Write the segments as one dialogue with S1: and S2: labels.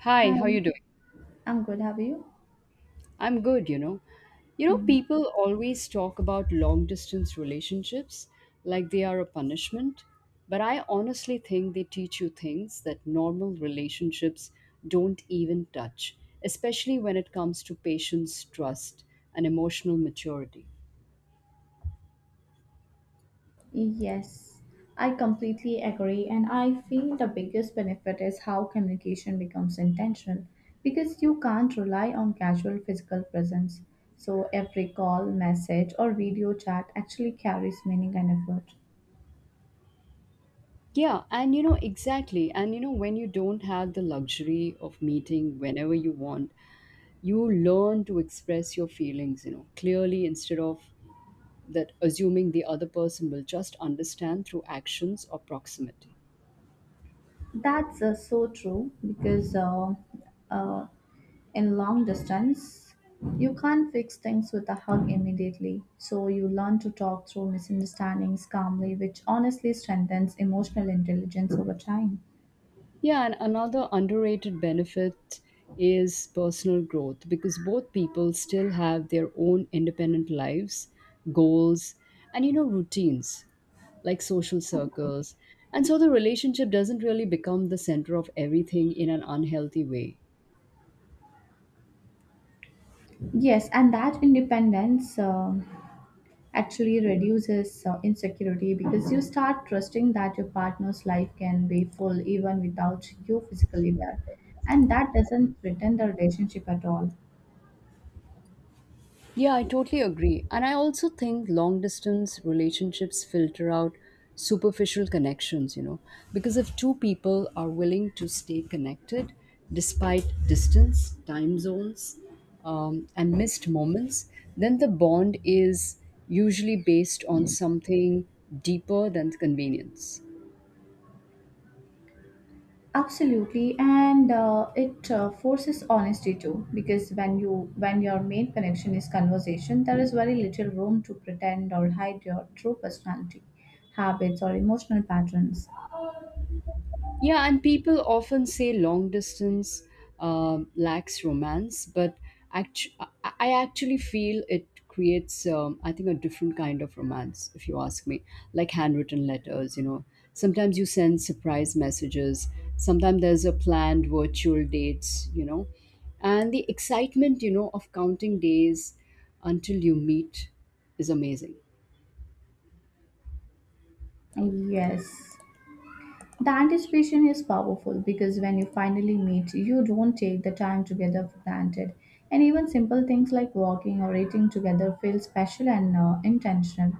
S1: Hi, how you
S2: Hi,
S1: doing?
S2: I'm good. How are you?
S1: I'm good, You know,
S2: Mm.
S1: people always talk about long distance relationships like they are a punishment, but I honestly think they teach you things that normal relationships don't even touch, especially when it comes to patience, trust, and emotional maturity.
S2: Yes, I completely agree. And I feel the biggest benefit is how communication becomes intentional because you can't rely on casual physical presence. So every call, message, or video chat actually carries meaning and effort.
S1: Yeah, and exactly. And you know, when you don't have the luxury of meeting whenever you want, you learn to express your feelings, clearly instead of that assuming the other person will just understand through actions or proximity.
S2: That's so true because uh, in long distance, you can't fix things with a hug immediately. So you learn to talk through misunderstandings calmly, which honestly strengthens emotional intelligence over time.
S1: Yeah, and another underrated benefit is personal growth because both people still have their own independent lives, goals, and routines like social circles. And so the relationship doesn't really become the center of everything in an unhealthy way.
S2: Yes, and that independence actually reduces insecurity because you start trusting that your partner's life can be full even without you physically there. And that doesn't threaten the relationship at all.
S1: Yeah, I totally agree. And I also think long distance relationships filter out superficial connections, because if two people are willing to stay connected despite distance, time zones, and missed moments, then the bond is usually based on something deeper than convenience.
S2: Absolutely, and it forces honesty too, because when your main connection is conversation, there is very little room to pretend or hide your true personality, habits, or emotional patterns.
S1: Yeah, and people often say long distance lacks romance, but actu- I I actually feel it creates, I think, a different kind of romance, if you ask me. Like handwritten letters, Sometimes you send surprise messages, sometimes there's a planned virtual dates, And the excitement, of counting days until you meet is amazing.
S2: Yes. The anticipation is powerful because when you finally meet, you don't take the time together for granted. And even simple things like walking or eating together feel special and intentional.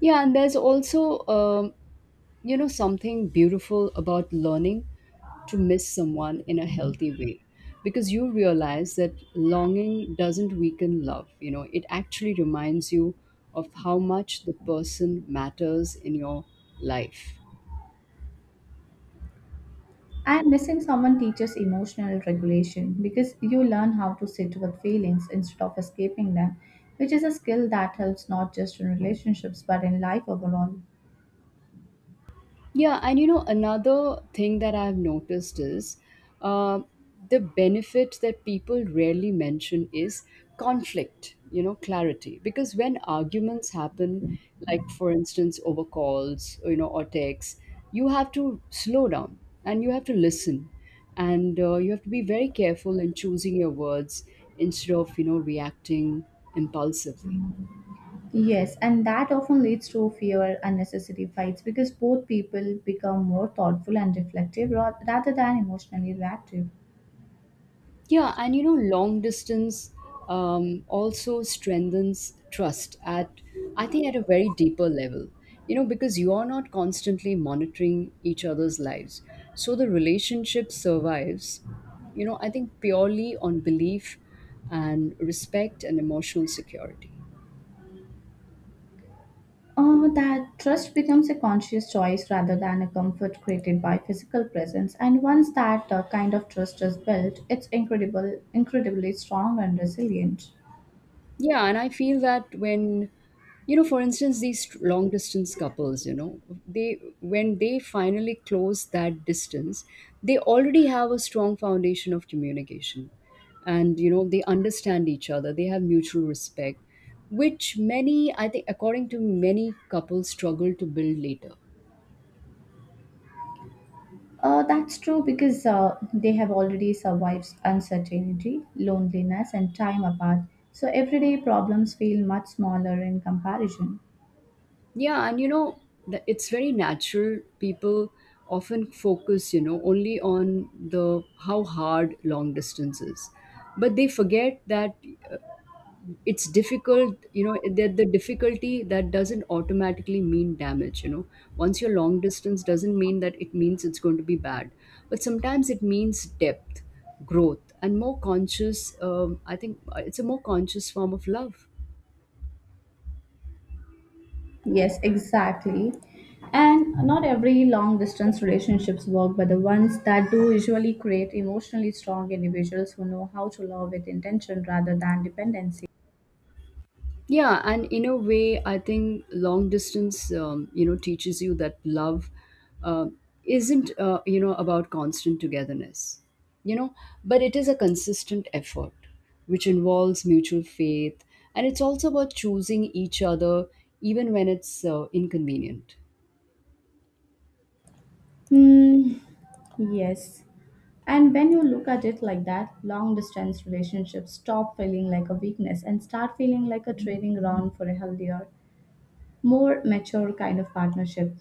S1: Yeah, and there's also something beautiful about learning to miss someone in a healthy way because you realize that longing doesn't weaken love. It actually reminds you of how much the person matters in your life.
S2: And missing someone teaches emotional regulation because you learn how to sit with feelings instead of escaping them, which is a skill that helps not just in relationships but in life overall.
S1: Yeah, and another thing that I've noticed is uh, the benefit that people rarely mention is conflict, clarity. Because when arguments happen, like for instance, over calls, or texts, you have to slow down and you have to listen. And you have to be very careful in choosing your words instead of, reacting impulsively.
S2: Yes, and that often leads to fewer unnecessary fights because both people become more thoughtful and reflective rather than emotionally reactive.
S1: Yeah, and long distance also strengthens trust at, I think, at a very deeper level, because you are not constantly monitoring each other's lives. So the relationship survives, I think purely on belief and respect and emotional security.
S2: That trust becomes a conscious choice rather than a comfort created by physical presence. And once that kind of trust is built, incredibly strong and resilient.
S1: Yeah, and I feel that when, for instance, these long distance couples, they when they finally close that distance, they already have a strong foundation of communication, and they understand each other. They have mutual respect, which many, I think, according to many couples, struggle to build later.
S2: That's true because they have already survived uncertainty, loneliness, and time apart. So everyday problems feel much smaller in comparison.
S1: Yeah, and it's very natural. People often focus, only on the how hard long distance is, but they forget that uh, it's difficult. You know, that the difficulty that doesn't automatically mean damage. You know, once you're long distance doesn't mean that it means it's going to be bad, but sometimes it means depth, growth, and more conscious. I think it's a more conscious form of love.
S2: Yes, exactly. And not every long distance relationships work, but the ones that do usually create emotionally strong individuals who know how to love with intention rather than dependency.
S1: Yeah, and in a way, I think long distance, you know, teaches you that love uh, isn't, you know, about constant togetherness, you know but it is a consistent effort which involves mutual faith, and it's also about choosing each other even when it's inconvenient.
S2: Hmm. Yes. And when you look at it like that, long distance relationships stop feeling like a weakness and start feeling like a training ground for a healthier, more mature kind of partnership.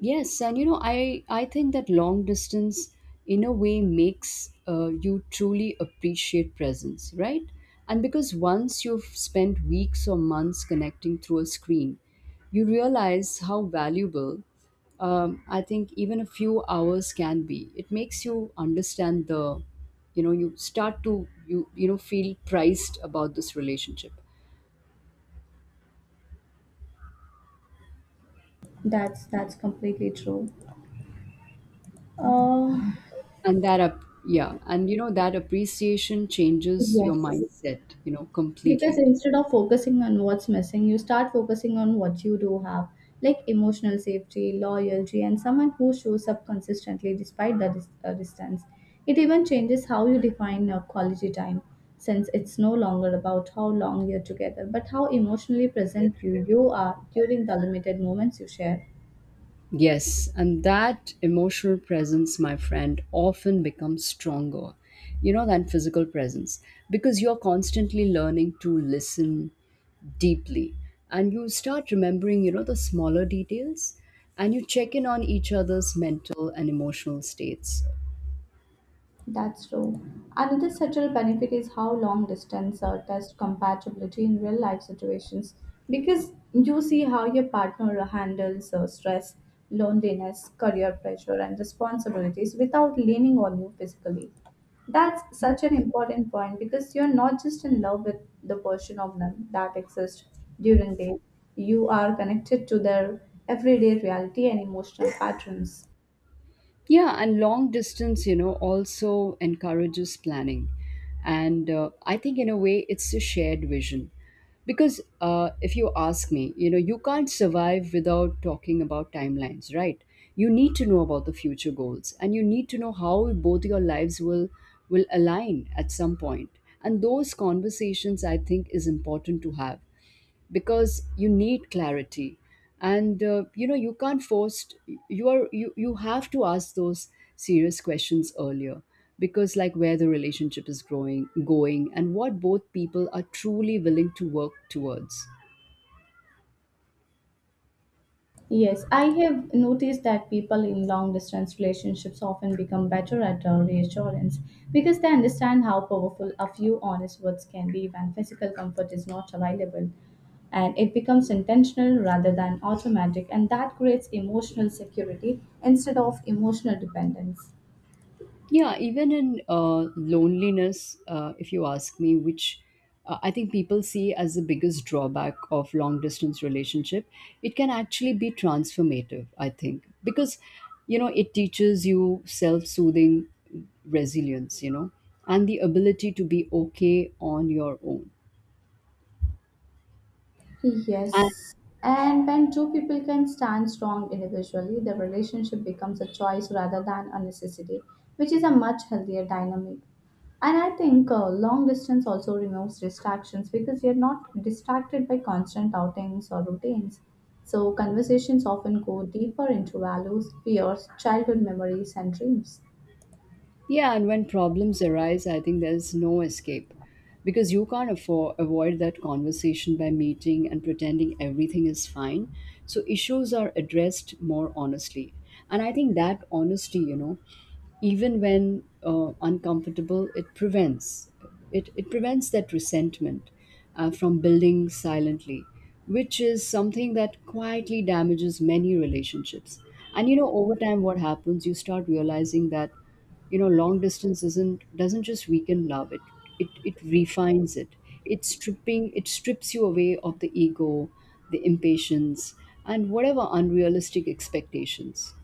S1: Yes, and I think that long distance, in a way, makes you truly appreciate presence, right? And because once you've spent weeks or months connecting through a screen, you realize how valuable, I think, even a few hours can be. It makes you understand you start to feel priced about this relationship.
S2: That's completely true. Uh,
S1: And that up Yeah, and you know, that appreciation changes your
S2: yes.
S1: mindset,
S2: Because
S1: completely.
S2: instead of focusing on what's missing, you start focusing on what you do have, like emotional safety, loyalty, and someone who shows up consistently despite the distance. It even changes how you define your quality time, since it's no longer about how long you're together but how emotionally present you are during the limited moments you share.
S1: Yes, and that emotional presence, my friend, often becomes stronger, than physical presence, because you're constantly learning to listen deeply, and you start remembering, the smaller details, and you check in on each other's mental and emotional states.
S2: That's true. Another subtle benefit is how long distance test compatibility in real life situations because you see how your partner handles stress, loneliness, career pressure, and responsibilities without leaning on you physically. That's such an important point because you're not just in love with the version of them that exists during day, you are connected to their everyday reality and emotional patterns.
S1: Yeah, and long distance, also encourages planning. And I think, in a way, it's a shared vision. Because if you ask me, you can't survive without talking about timelines, right? You need to know about the future goals and you need to know how both your lives will align at some point. And those conversations, I think, is important to have because you need clarity and you know, you can't force you have to ask those serious questions earlier because like where the relationship is growing going and what both people are truly willing to work towards.
S2: Yes, I have noticed that people in long distance relationships often become better at reassurance because they understand how powerful a few honest words can be when physical comfort is not available. And it becomes intentional rather than automatic, and that creates emotional security instead of emotional dependence.
S1: Yeah, even in loneliness, if you ask me, which I think people see as the biggest drawback of long distance relationship, it can actually be transformative, I think, because you know it teaches you self-soothing, resilience, and the ability to be okay on your own.
S2: Yes. And when two people can stand strong individually, the relationship becomes a choice rather than a necessity, which is a much healthier dynamic. And I think long distance also removes distractions because you're not distracted by constant outings or routines. So conversations often go deeper into values, fears, childhood memories, and dreams.
S1: Yeah, and when problems arise, I think there's no escape because you can't avoid that conversation by meeting and pretending everything is fine. So issues are addressed more honestly. And I think that honesty, even when uncomfortable, it prevents that resentment from building silently, which is something that quietly damages many relationships. And you know, over time, what happens, you start realizing that you know long distance isn't doesn't just weaken love. It refines it. It strips you away of the ego, the impatience, and whatever unrealistic expectations.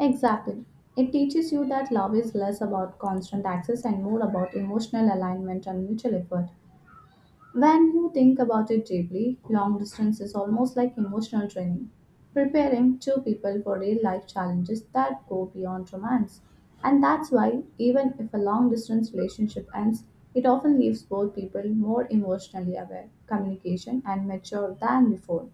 S2: Exactly. It teaches you that love is less about constant access and more about emotional alignment and mutual effort. When you think about it deeply, long distance is almost like emotional training, preparing two people for real life challenges that go beyond romance. And that's why, even if a long distance relationship ends, it often leaves both people more emotionally aware, communication, and mature than before.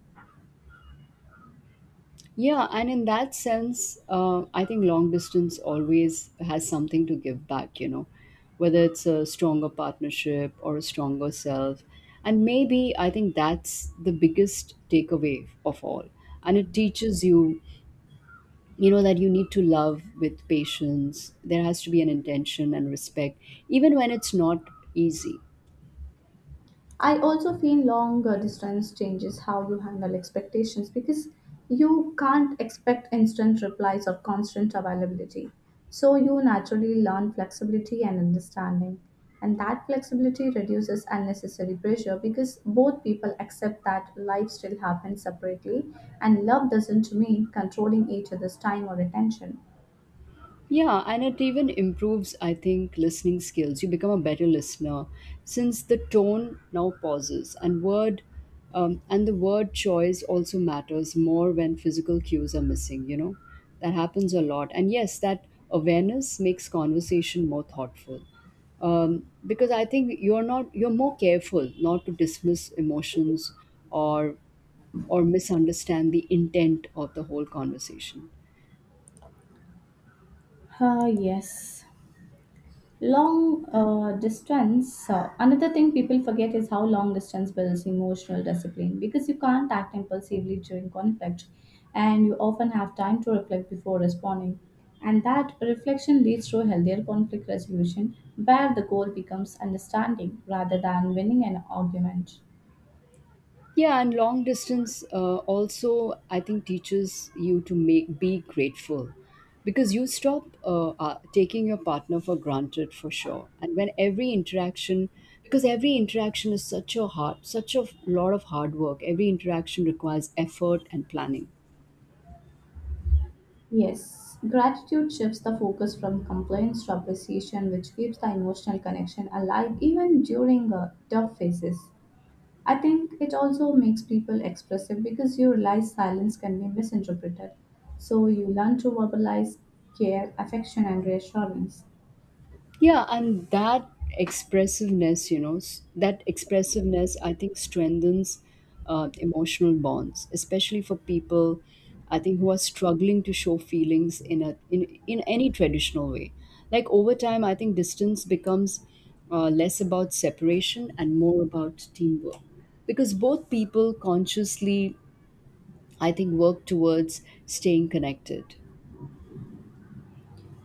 S1: Yeah, and in that sense, I think long distance always has something to give back, whether it's a stronger partnership or a stronger self. And maybe, I think, that's the biggest takeaway of all. And it teaches you, you know that you need to love with patience. There has to be an intention and respect, even when it's not easy.
S2: I also feel long distance changes how you handle expectations because you can't expect instant replies or constant availability. So you naturally learn flexibility and understanding. And that flexibility reduces unnecessary pressure because both people accept that life still happens separately and love doesn't mean controlling each other's time or attention.
S1: Yeah, and it even improves, I think, listening skills. You become a better listener since the tone, now pauses, and word and the word choice also matters more when physical cues are missing, you know. That happens a lot. And yes, that awareness makes conversation more thoughtful. Because I think you're more careful not to dismiss emotions or or misunderstand the intent of the whole conversation.
S2: Ah, yes. Long distance, another thing people forget is how long distance builds emotional discipline because you can't act impulsively during conflict and you often have time to reflect before responding. And that reflection leads to a healthier conflict resolution where the goal becomes understanding rather than winning an argument.
S1: Yeah, and long distance also, I think, teaches you to make be grateful because you stop taking your partner for granted for sure. And when every interaction, Because every interaction is such a hard, such a lot of hard work, every interaction requires effort and planning.
S2: Yes, gratitude shifts the focus from complaints to appreciation, which keeps the emotional connection alive even during tough phases. I think it also makes people expressive because you realize silence can be misinterpreted. So you learn to verbalize care, affection, and reassurance.
S1: Yeah, and that expressiveness, you know, s- that expressiveness, I think, strengthens emotional bonds, especially for people, I think, who are struggling to show feelings in a in in any traditional way. Like over time, I think distance becomes less about separation and more about teamwork, because both people consciously, I think, work towards staying connected.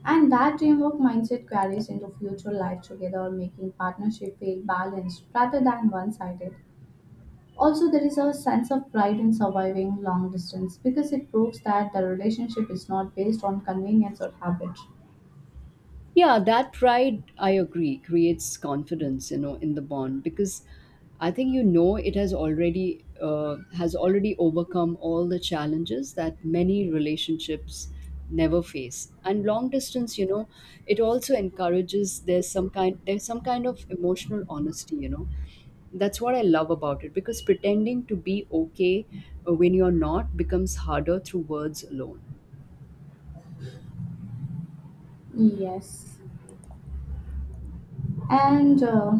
S2: And that teamwork mindset carries into future life together, making partnership feel balanced rather than one sided. Also, there is a sense of pride in surviving long distance because it proves that the relationship is not based on convenience or habit.
S1: Yeah, that pride, I agree, creates confidence, in the bond because I think you know it has already overcome all the challenges that many relationships never face. And long distance, it also encourages there's some kind of emotional honesty, you know. That's what I love about it because pretending to be okay when you're not becomes harder through words alone.
S2: Yes. And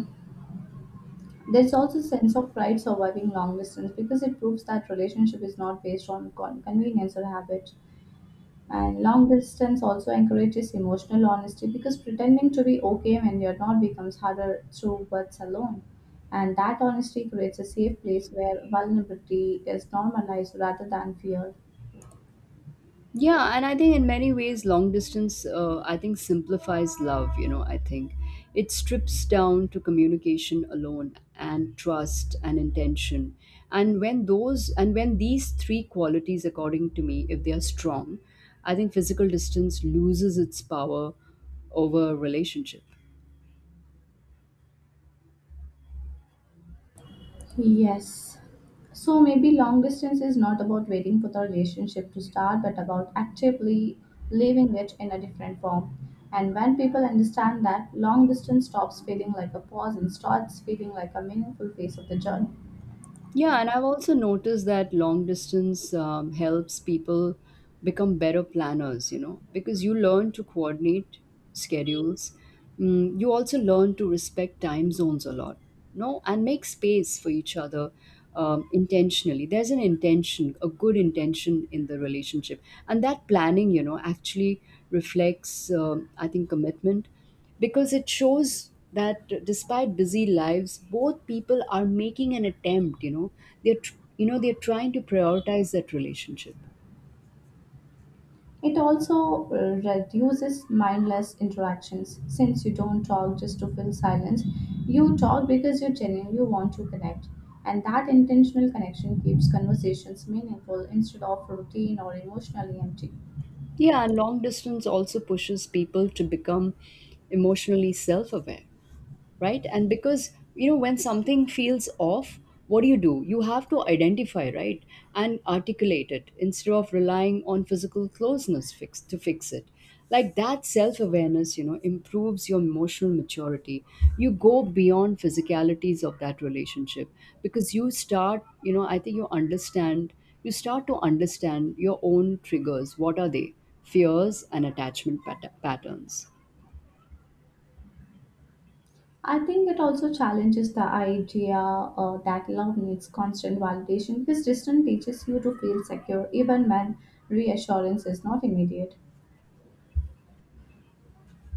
S2: There's also a sense of pride surviving long distance because it proves that relationship is not based on convenience or habit. And long distance also encourages emotional honesty because pretending to be okay when you're not becomes harder through words alone. And that honesty creates a safe place where vulnerability is normalized rather than feared.
S1: Yeah, and I think in many ways, long distance, I think, simplifies love. You know, I think it strips down to communication alone and trust and intention. And when these three qualities, according to me, if they are strong, I think physical distance loses its power over relationship.
S2: Yes. So maybe long distance is not about waiting for the relationship to start, but about actively living it in a different form. And when people understand that, long distance stops feeling like a pause and starts feeling like a meaningful phase of the journey.
S1: Yeah, and I've also noticed that long distance helps people become better planners, you know, because you learn to coordinate schedules. Mm, you also learn to respect time zones a lot, no, and make space for each other intentionally. There's an intention, a good intention in the relationship. And that planning, actually reflects, I think, commitment because it shows that despite busy lives, both people are making an attempt, you know. You know, they're trying to prioritize that relationship.
S2: It also reduces mindless interactions since you don't talk just to fill silence. You talk because you genuinely want to connect, and that intentional connection keeps conversations meaningful instead of routine or emotionally empty.
S1: Yeah, and long distance also pushes people to become emotionally self-aware, right? And because you know when something feels off, what do you do? You have to identify, right, and articulate it instead of relying on physical closeness fix to fix it. Like that self awareness, you know, improves your emotional maturity. You go beyond physicalities of that relationship because you start, you know, I think you understand you start to understand your own triggers, what are they, fears, and attachment patterns.
S2: I think it also challenges the idea that love needs constant validation because distance teaches you to feel secure even when reassurance is not immediate.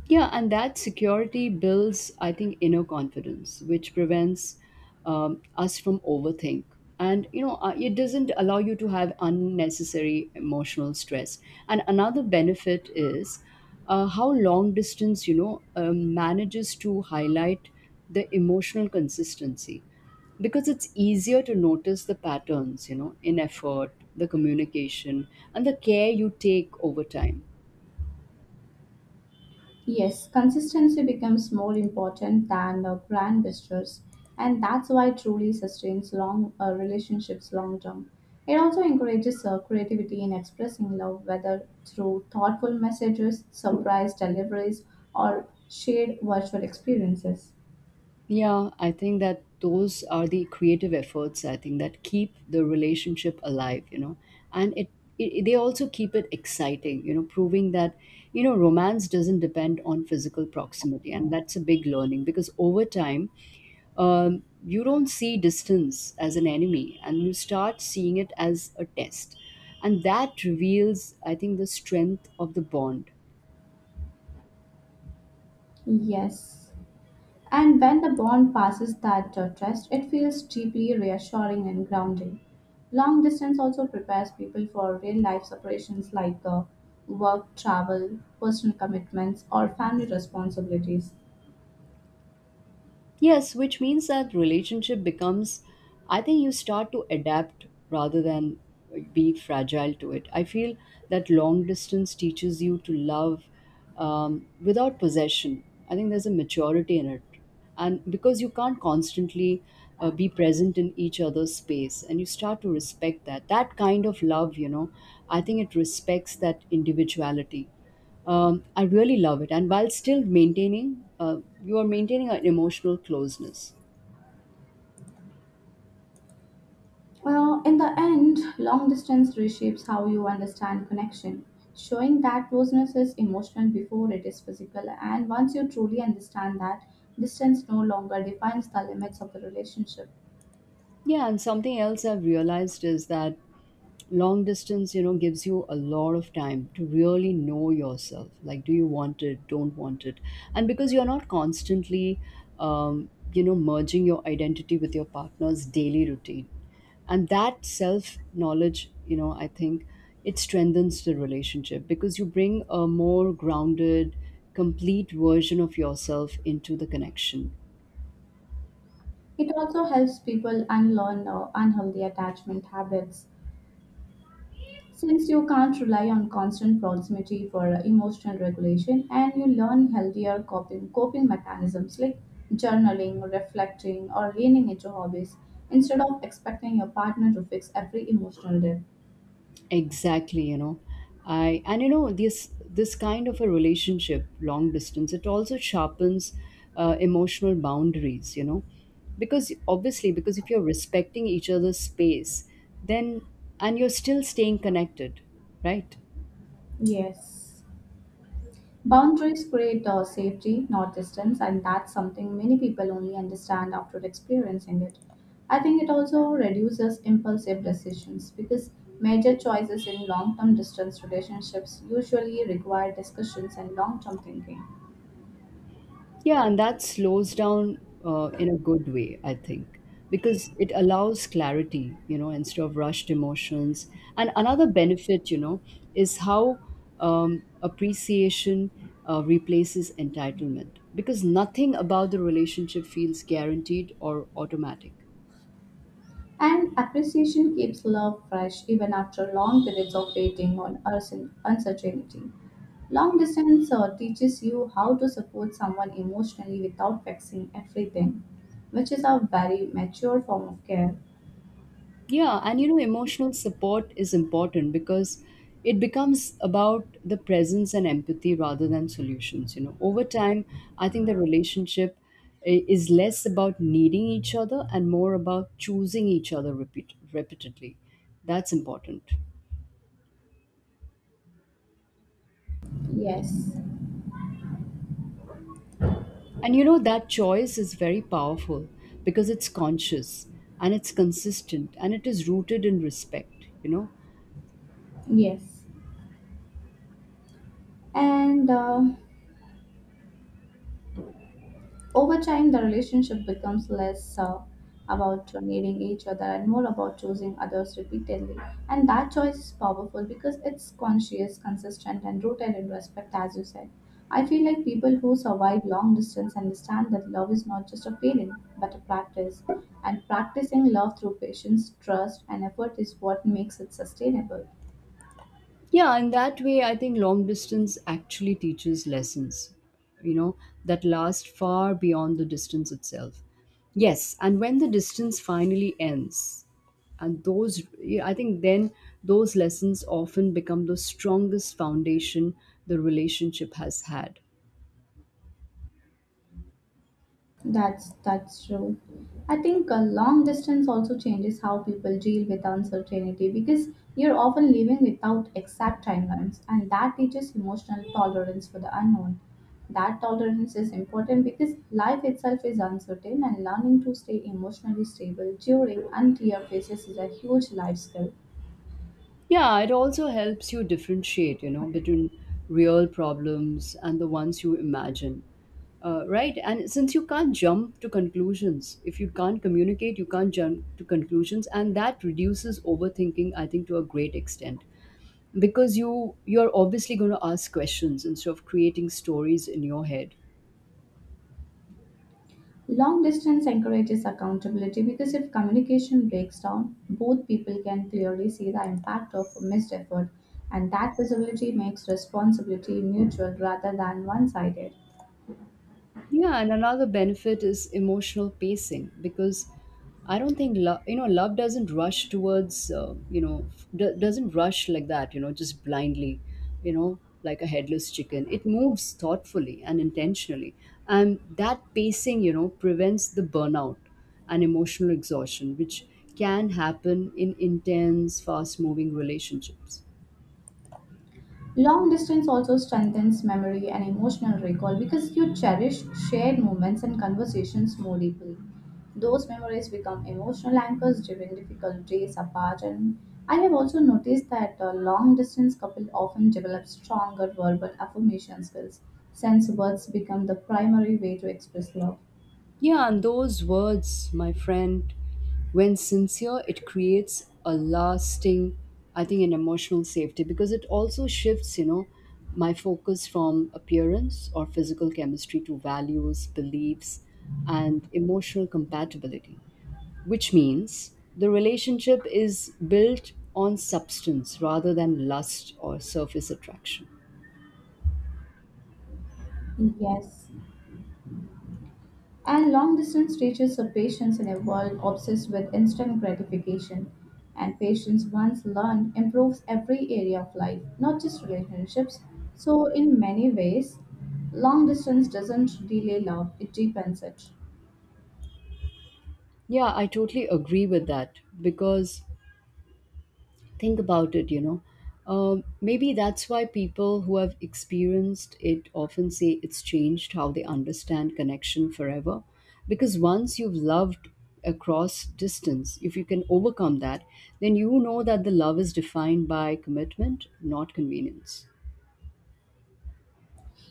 S1: Yeah, and that security builds, I think, inner confidence, which prevents us from overthink. And you know, it doesn't allow you to have unnecessary emotional stress. And another benefit is how long distance, manages to highlight the emotional consistency because it's easier to notice the patterns, you know, in effort, the communication, and the care you take over time.
S2: Yes, consistency becomes more important than grand gestures, and that's why it truly sustains long relationships long term. It also encourages creativity in expressing love, whether through thoughtful messages, surprise deliveries, or shared virtual experiences.
S1: Yeah, I think that those are the creative efforts I think that keep the relationship alive, you know, and it they also keep it exciting, you know, proving that you know romance doesn't depend on physical proximity, and that's a big learning because over time, you don't see distance as an enemy, and you start seeing it as a test, and that reveals I think the strength of the bond.
S2: Yes. And when the bond passes that test, it feels deeply reassuring and grounding. Long distance also prepares people for real life separations like work, travel, personal commitments, or family responsibilities.
S1: Yes, which means that relationship becomes, I think you start to adapt rather than like, be fragile to it. I feel that long distance teaches you to love without possession. I think there's a maturity in it. And because you can't constantly be present in each other's space and you start to respect that. That kind of love, you know, I think it respects that individuality. I really love it. And while still maintaining, you are maintaining an emotional closeness.
S2: Well, in the end, long distance reshapes how you understand connection, showing that closeness is emotional before it is physical. And once you truly understand that, distance no longer defines the limits of the relationship.
S1: Yeah, and something else I've realized is that long distance, you know, gives you a lot of time to really know yourself. Like, do you want it? Don't want it? And because you're not constantly, you know, merging your identity with your partner's daily routine. And that self knowledge, you know, I think it strengthens the relationship because you bring a more grounded, complete version of yourself into the connection.
S2: It also helps people unlearn unhealthy attachment habits since you can't rely on constant proximity for emotional regulation, and you learn healthier coping mechanisms like journaling, reflecting, or leaning into hobbies instead of expecting your partner to fix every emotional dip.
S1: Exactly, you know. I And you know, this kind of a relationship long distance, it also sharpens emotional boundaries, you know, because obviously, because if you're respecting each other's space, then, and you're still staying connected, right?
S2: Yes. Boundaries create safety, not distance, and that's something many people only understand after experiencing it. I think it also reduces impulsive decisions because major choices in long term distance relationships usually require discussions and long term thinking.
S1: Yeah, and that slows down in a good way, I think, because it allows clarity, you know, instead of rushed emotions. And another benefit, you know, is how appreciation replaces entitlement, because nothing about the relationship feels guaranteed or automatic.
S2: And appreciation keeps love fresh even after long periods of waiting on uncertainty. Long distance teaches you how to support someone emotionally without fixing everything, which is a very mature form of care.
S1: Yeah, and you know, emotional support is important because it becomes about the presence and empathy rather than solutions. You know, over time, I think the relationship is less about needing each other and more about choosing each other repeatedly. That's important.
S2: Yes,
S1: And you know, that choice is very powerful because it's conscious and it's consistent and it is rooted in respect, you know.
S2: yes. And Over time, the relationship becomes less about needing each other and more about choosing others repeatedly. And that choice is powerful because it's conscious, consistent, and rooted in respect, as you said. I feel like people who survive long distance understand that love is not just a feeling, but a practice. And practicing love through patience, trust, and effort is what makes it sustainable.
S1: Yeah, in that way, I think long distance actually teaches lessons, you know, that last far beyond the distance itself. Yes, and when the distance finally ends, and those, yeah, I think then those lessons often become the strongest foundation the relationship has had.
S2: That's true. I think a long distance also changes how people deal with uncertainty because you're often living without exact timelines, and that teaches emotional tolerance for the unknown. That tolerance is important because life itself is uncertain, and learning to stay emotionally stable during unclear phases is a huge life skill.
S1: Yeah, it also helps you differentiate, you know, between real problems and the ones you imagine. Right? And since you can't jump to conclusions, if you can't communicate, you can't jump to conclusions. And that reduces overthinking, I think, to a great extent because you're obviously going to ask questions instead of creating stories in your head.
S2: Long distance encourages accountability because if communication breaks down, both people can clearly see the impact of missed effort, and that visibility makes responsibility mutual rather than one sided.
S1: Yeah, and another benefit is emotional pacing because I don't think love, you know, love doesn't rush towards, doesn't rush like that, you know, just blindly, you know, like a headless chicken. It moves thoughtfully and intentionally. And that pacing, you know, prevents the burnout and emotional exhaustion, which can happen in intense, fast moving relationships.
S2: Long distance also strengthens memory and emotional recall because you cherish shared moments and conversations more deeply. Those memories become emotional anchors during difficult days apart, and I have also noticed that a long distance couple often develop stronger verbal affirmation skills since words become the primary way to express love.
S1: Yeah, and those words, my friend, when sincere, it creates a lasting, I think, an emotional safety because it also shifts, you know, my focus from appearance or physical chemistry to values, beliefs, and emotional compatibility, which means the relationship is built on substance rather than lust or surface attraction.
S2: Yes. And long distance teaches us patience in a world obsessed with instant gratification. And patience, once learned, improves every area of life, not just relationships. So, in many ways, long distance doesn't delay love, it deepens it.
S1: Yeah, I totally agree with that because think about it, you know. Maybe that's why people who have experienced it often say it's changed how they understand connection forever, because once you've loved across distance, if you can overcome that, then you know that the love is defined by commitment, not convenience.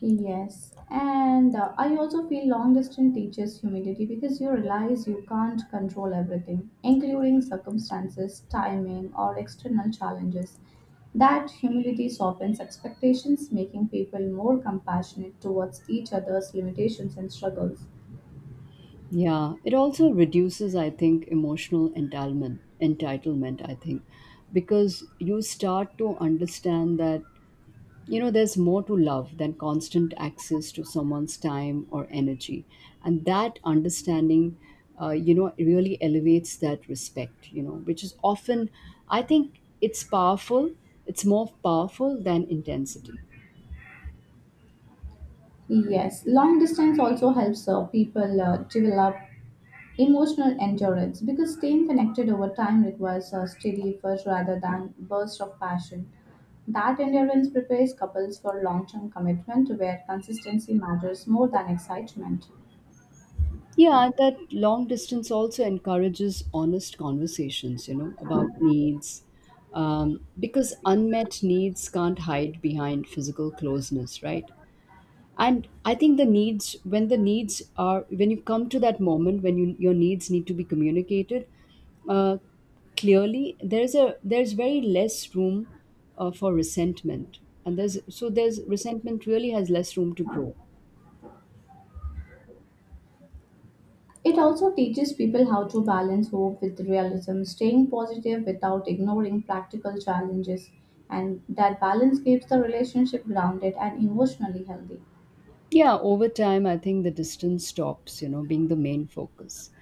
S2: Yes, and I also feel long distance teaches humility because you realize you can't control everything, including circumstances, timing, or external challenges. That humility softens expectations, making people more compassionate towards each other's limitations and struggles.
S1: Yeah, it also reduces, I think, emotional entitlement, I think, because you start to understand that you know, there's more to love than constant access to someone's time or energy. And that understanding, you know, really elevates that respect, you know, which is often, I think it's powerful, it's more powerful than intensity.
S2: Yes, long distance also helps people develop emotional endurance, because staying connected over time requires a steady effort rather than bursts of passion. That endurance prepares couples for long term commitment where consistency matters more than excitement.
S1: Yeah, that long distance also encourages honest conversations, you know, about needs, because unmet needs can't hide behind physical closeness, right? And I think the needs are, when you come to that moment when your needs need to be communicated uh, clearly, there's very less room for resentment. And there's so There's resentment really has less room to grow.
S2: It also teaches people how to balance hope with realism, staying positive without ignoring practical challenges, and that balance keeps the relationship grounded and emotionally healthy.
S1: Yeah, over time, I think the distance stops, you know, being the main focus,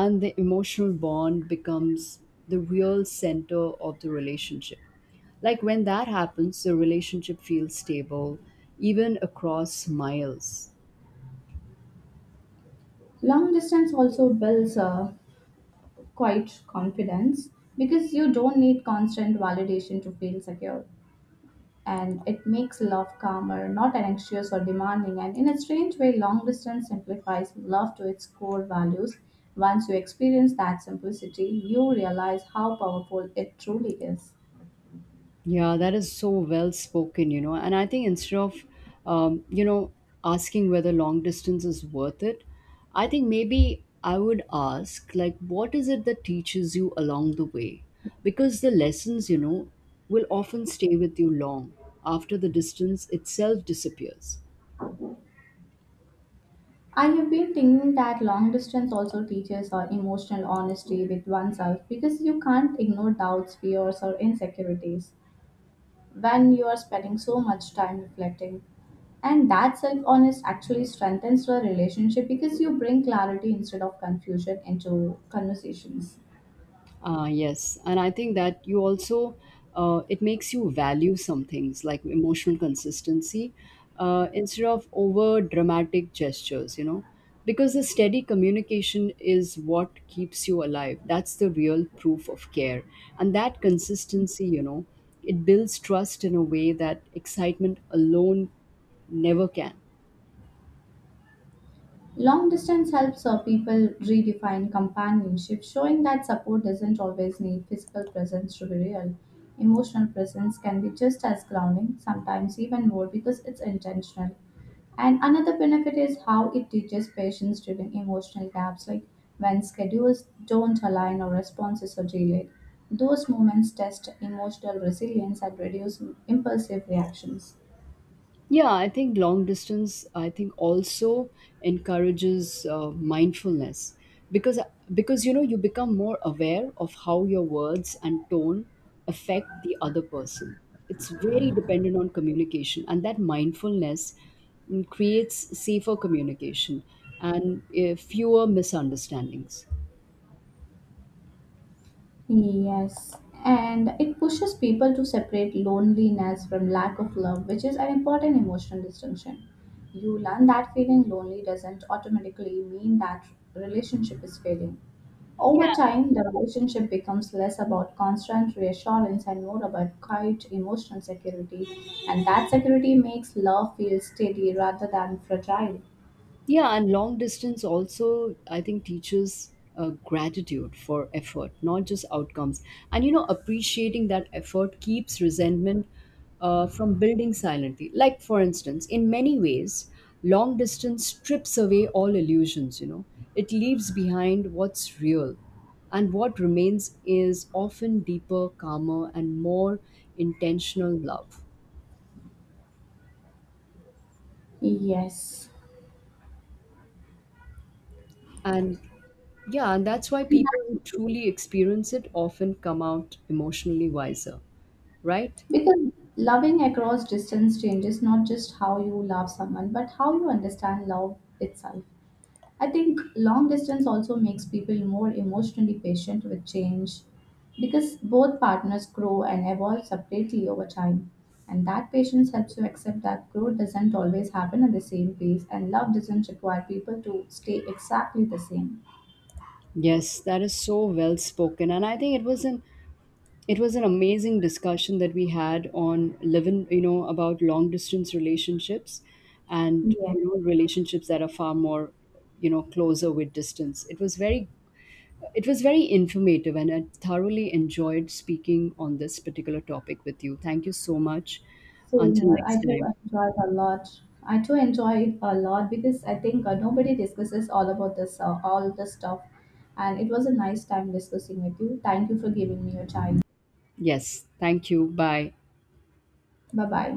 S1: and the emotional bond becomes the real center of the relationship. Like when that happens, the relationship feels stable even across miles.
S2: Long distance also builds quite confidence because you don't need constant validation to feel secure. And it makes love calmer, not anxious or demanding. And in a strange way, long distance simplifies love to its core values. Once you experience that simplicity, you realize how powerful it truly is.
S1: Yeah, that is so well spoken, you know. And I think instead of, you know, asking whether long distance is worth it, I think maybe I would ask, like, what is it that teaches you along the way? Because the lessons, you know, will often stay with you long after the distance itself disappears.
S2: I have been thinking that long distance also teaches our emotional honesty with oneself because you can't ignore doubts, fears, or insecurities when you are spending so much time reflecting. And that self honest actually strengthens your relationship because you bring clarity instead of confusion into conversations.
S1: Ah, yes. And I think that you also, it makes you value some things like emotional consistency instead of over dramatic gestures, you know, because the steady communication is what keeps you alive. That's the real proof of care. And that consistency, you know, it builds trust in a way that excitement alone never can.
S2: Long distance helps people redefine companionship, showing that support doesn't always need physical presence to be real. Emotional presence can be just as grounding, sometimes even more, because it's intentional. And another benefit is how it teaches patience during emotional gaps, like when schedules don't align or responses are delayed. Those moments test emotional resilience and reduce impulsive reactions.
S1: Yeah, I think long distance, I think also encourages mindfulness because you know, you become more aware of how your words and tone affect the other person. It's very dependent on communication, and that mindfulness creates safer communication and fewer misunderstandings.
S2: Yes, and it pushes people to separate loneliness from lack of love, which is an important emotional distinction. You learn that feeling lonely doesn't automatically mean that relationship is failing.
S1: Yeah.
S2: Over time, the relationship becomes less about constant reassurance and more about quiet emotional security, and that security makes love feel steady rather than fragile.
S1: Yeah, and long distance also, I think, teaches gratitude for effort, not just outcomes. And, you know, appreciating that effort keeps resentment from building silently. Like, for instance, in many ways, long distance strips away all illusions, you know, it leaves behind what's real. And what remains is often deeper, calmer, and more intentional love.
S2: Yes.
S1: And yeah, and that's why people who truly experience it often come out emotionally wiser, right?
S2: Because loving across distance changes not just how you love someone, but how you understand love itself. I think long distance also makes people more emotionally patient with change because both partners grow and evolve separately over time. And that patience helps you accept that growth doesn't always happen at the same pace, and love doesn't require people to stay exactly the same.
S1: Yes, that is so well spoken, and I think it was an amazing discussion that we had on living, you know, about long distance relationships, and
S2: Yes,
S1: you know, relationships that are far more, you know, closer with distance. It was very informative, and I thoroughly enjoyed speaking on this particular topic with you. Thank you so much.
S2: same
S1: Until
S2: here. I
S1: next
S2: do
S1: time.
S2: enjoy it a lot. I do enjoy it a lot because I think nobody discusses all about all this stuff. And it was a nice time discussing with you. Thank you for giving me your time.
S1: Yes. Thank you. Bye.
S2: Bye bye.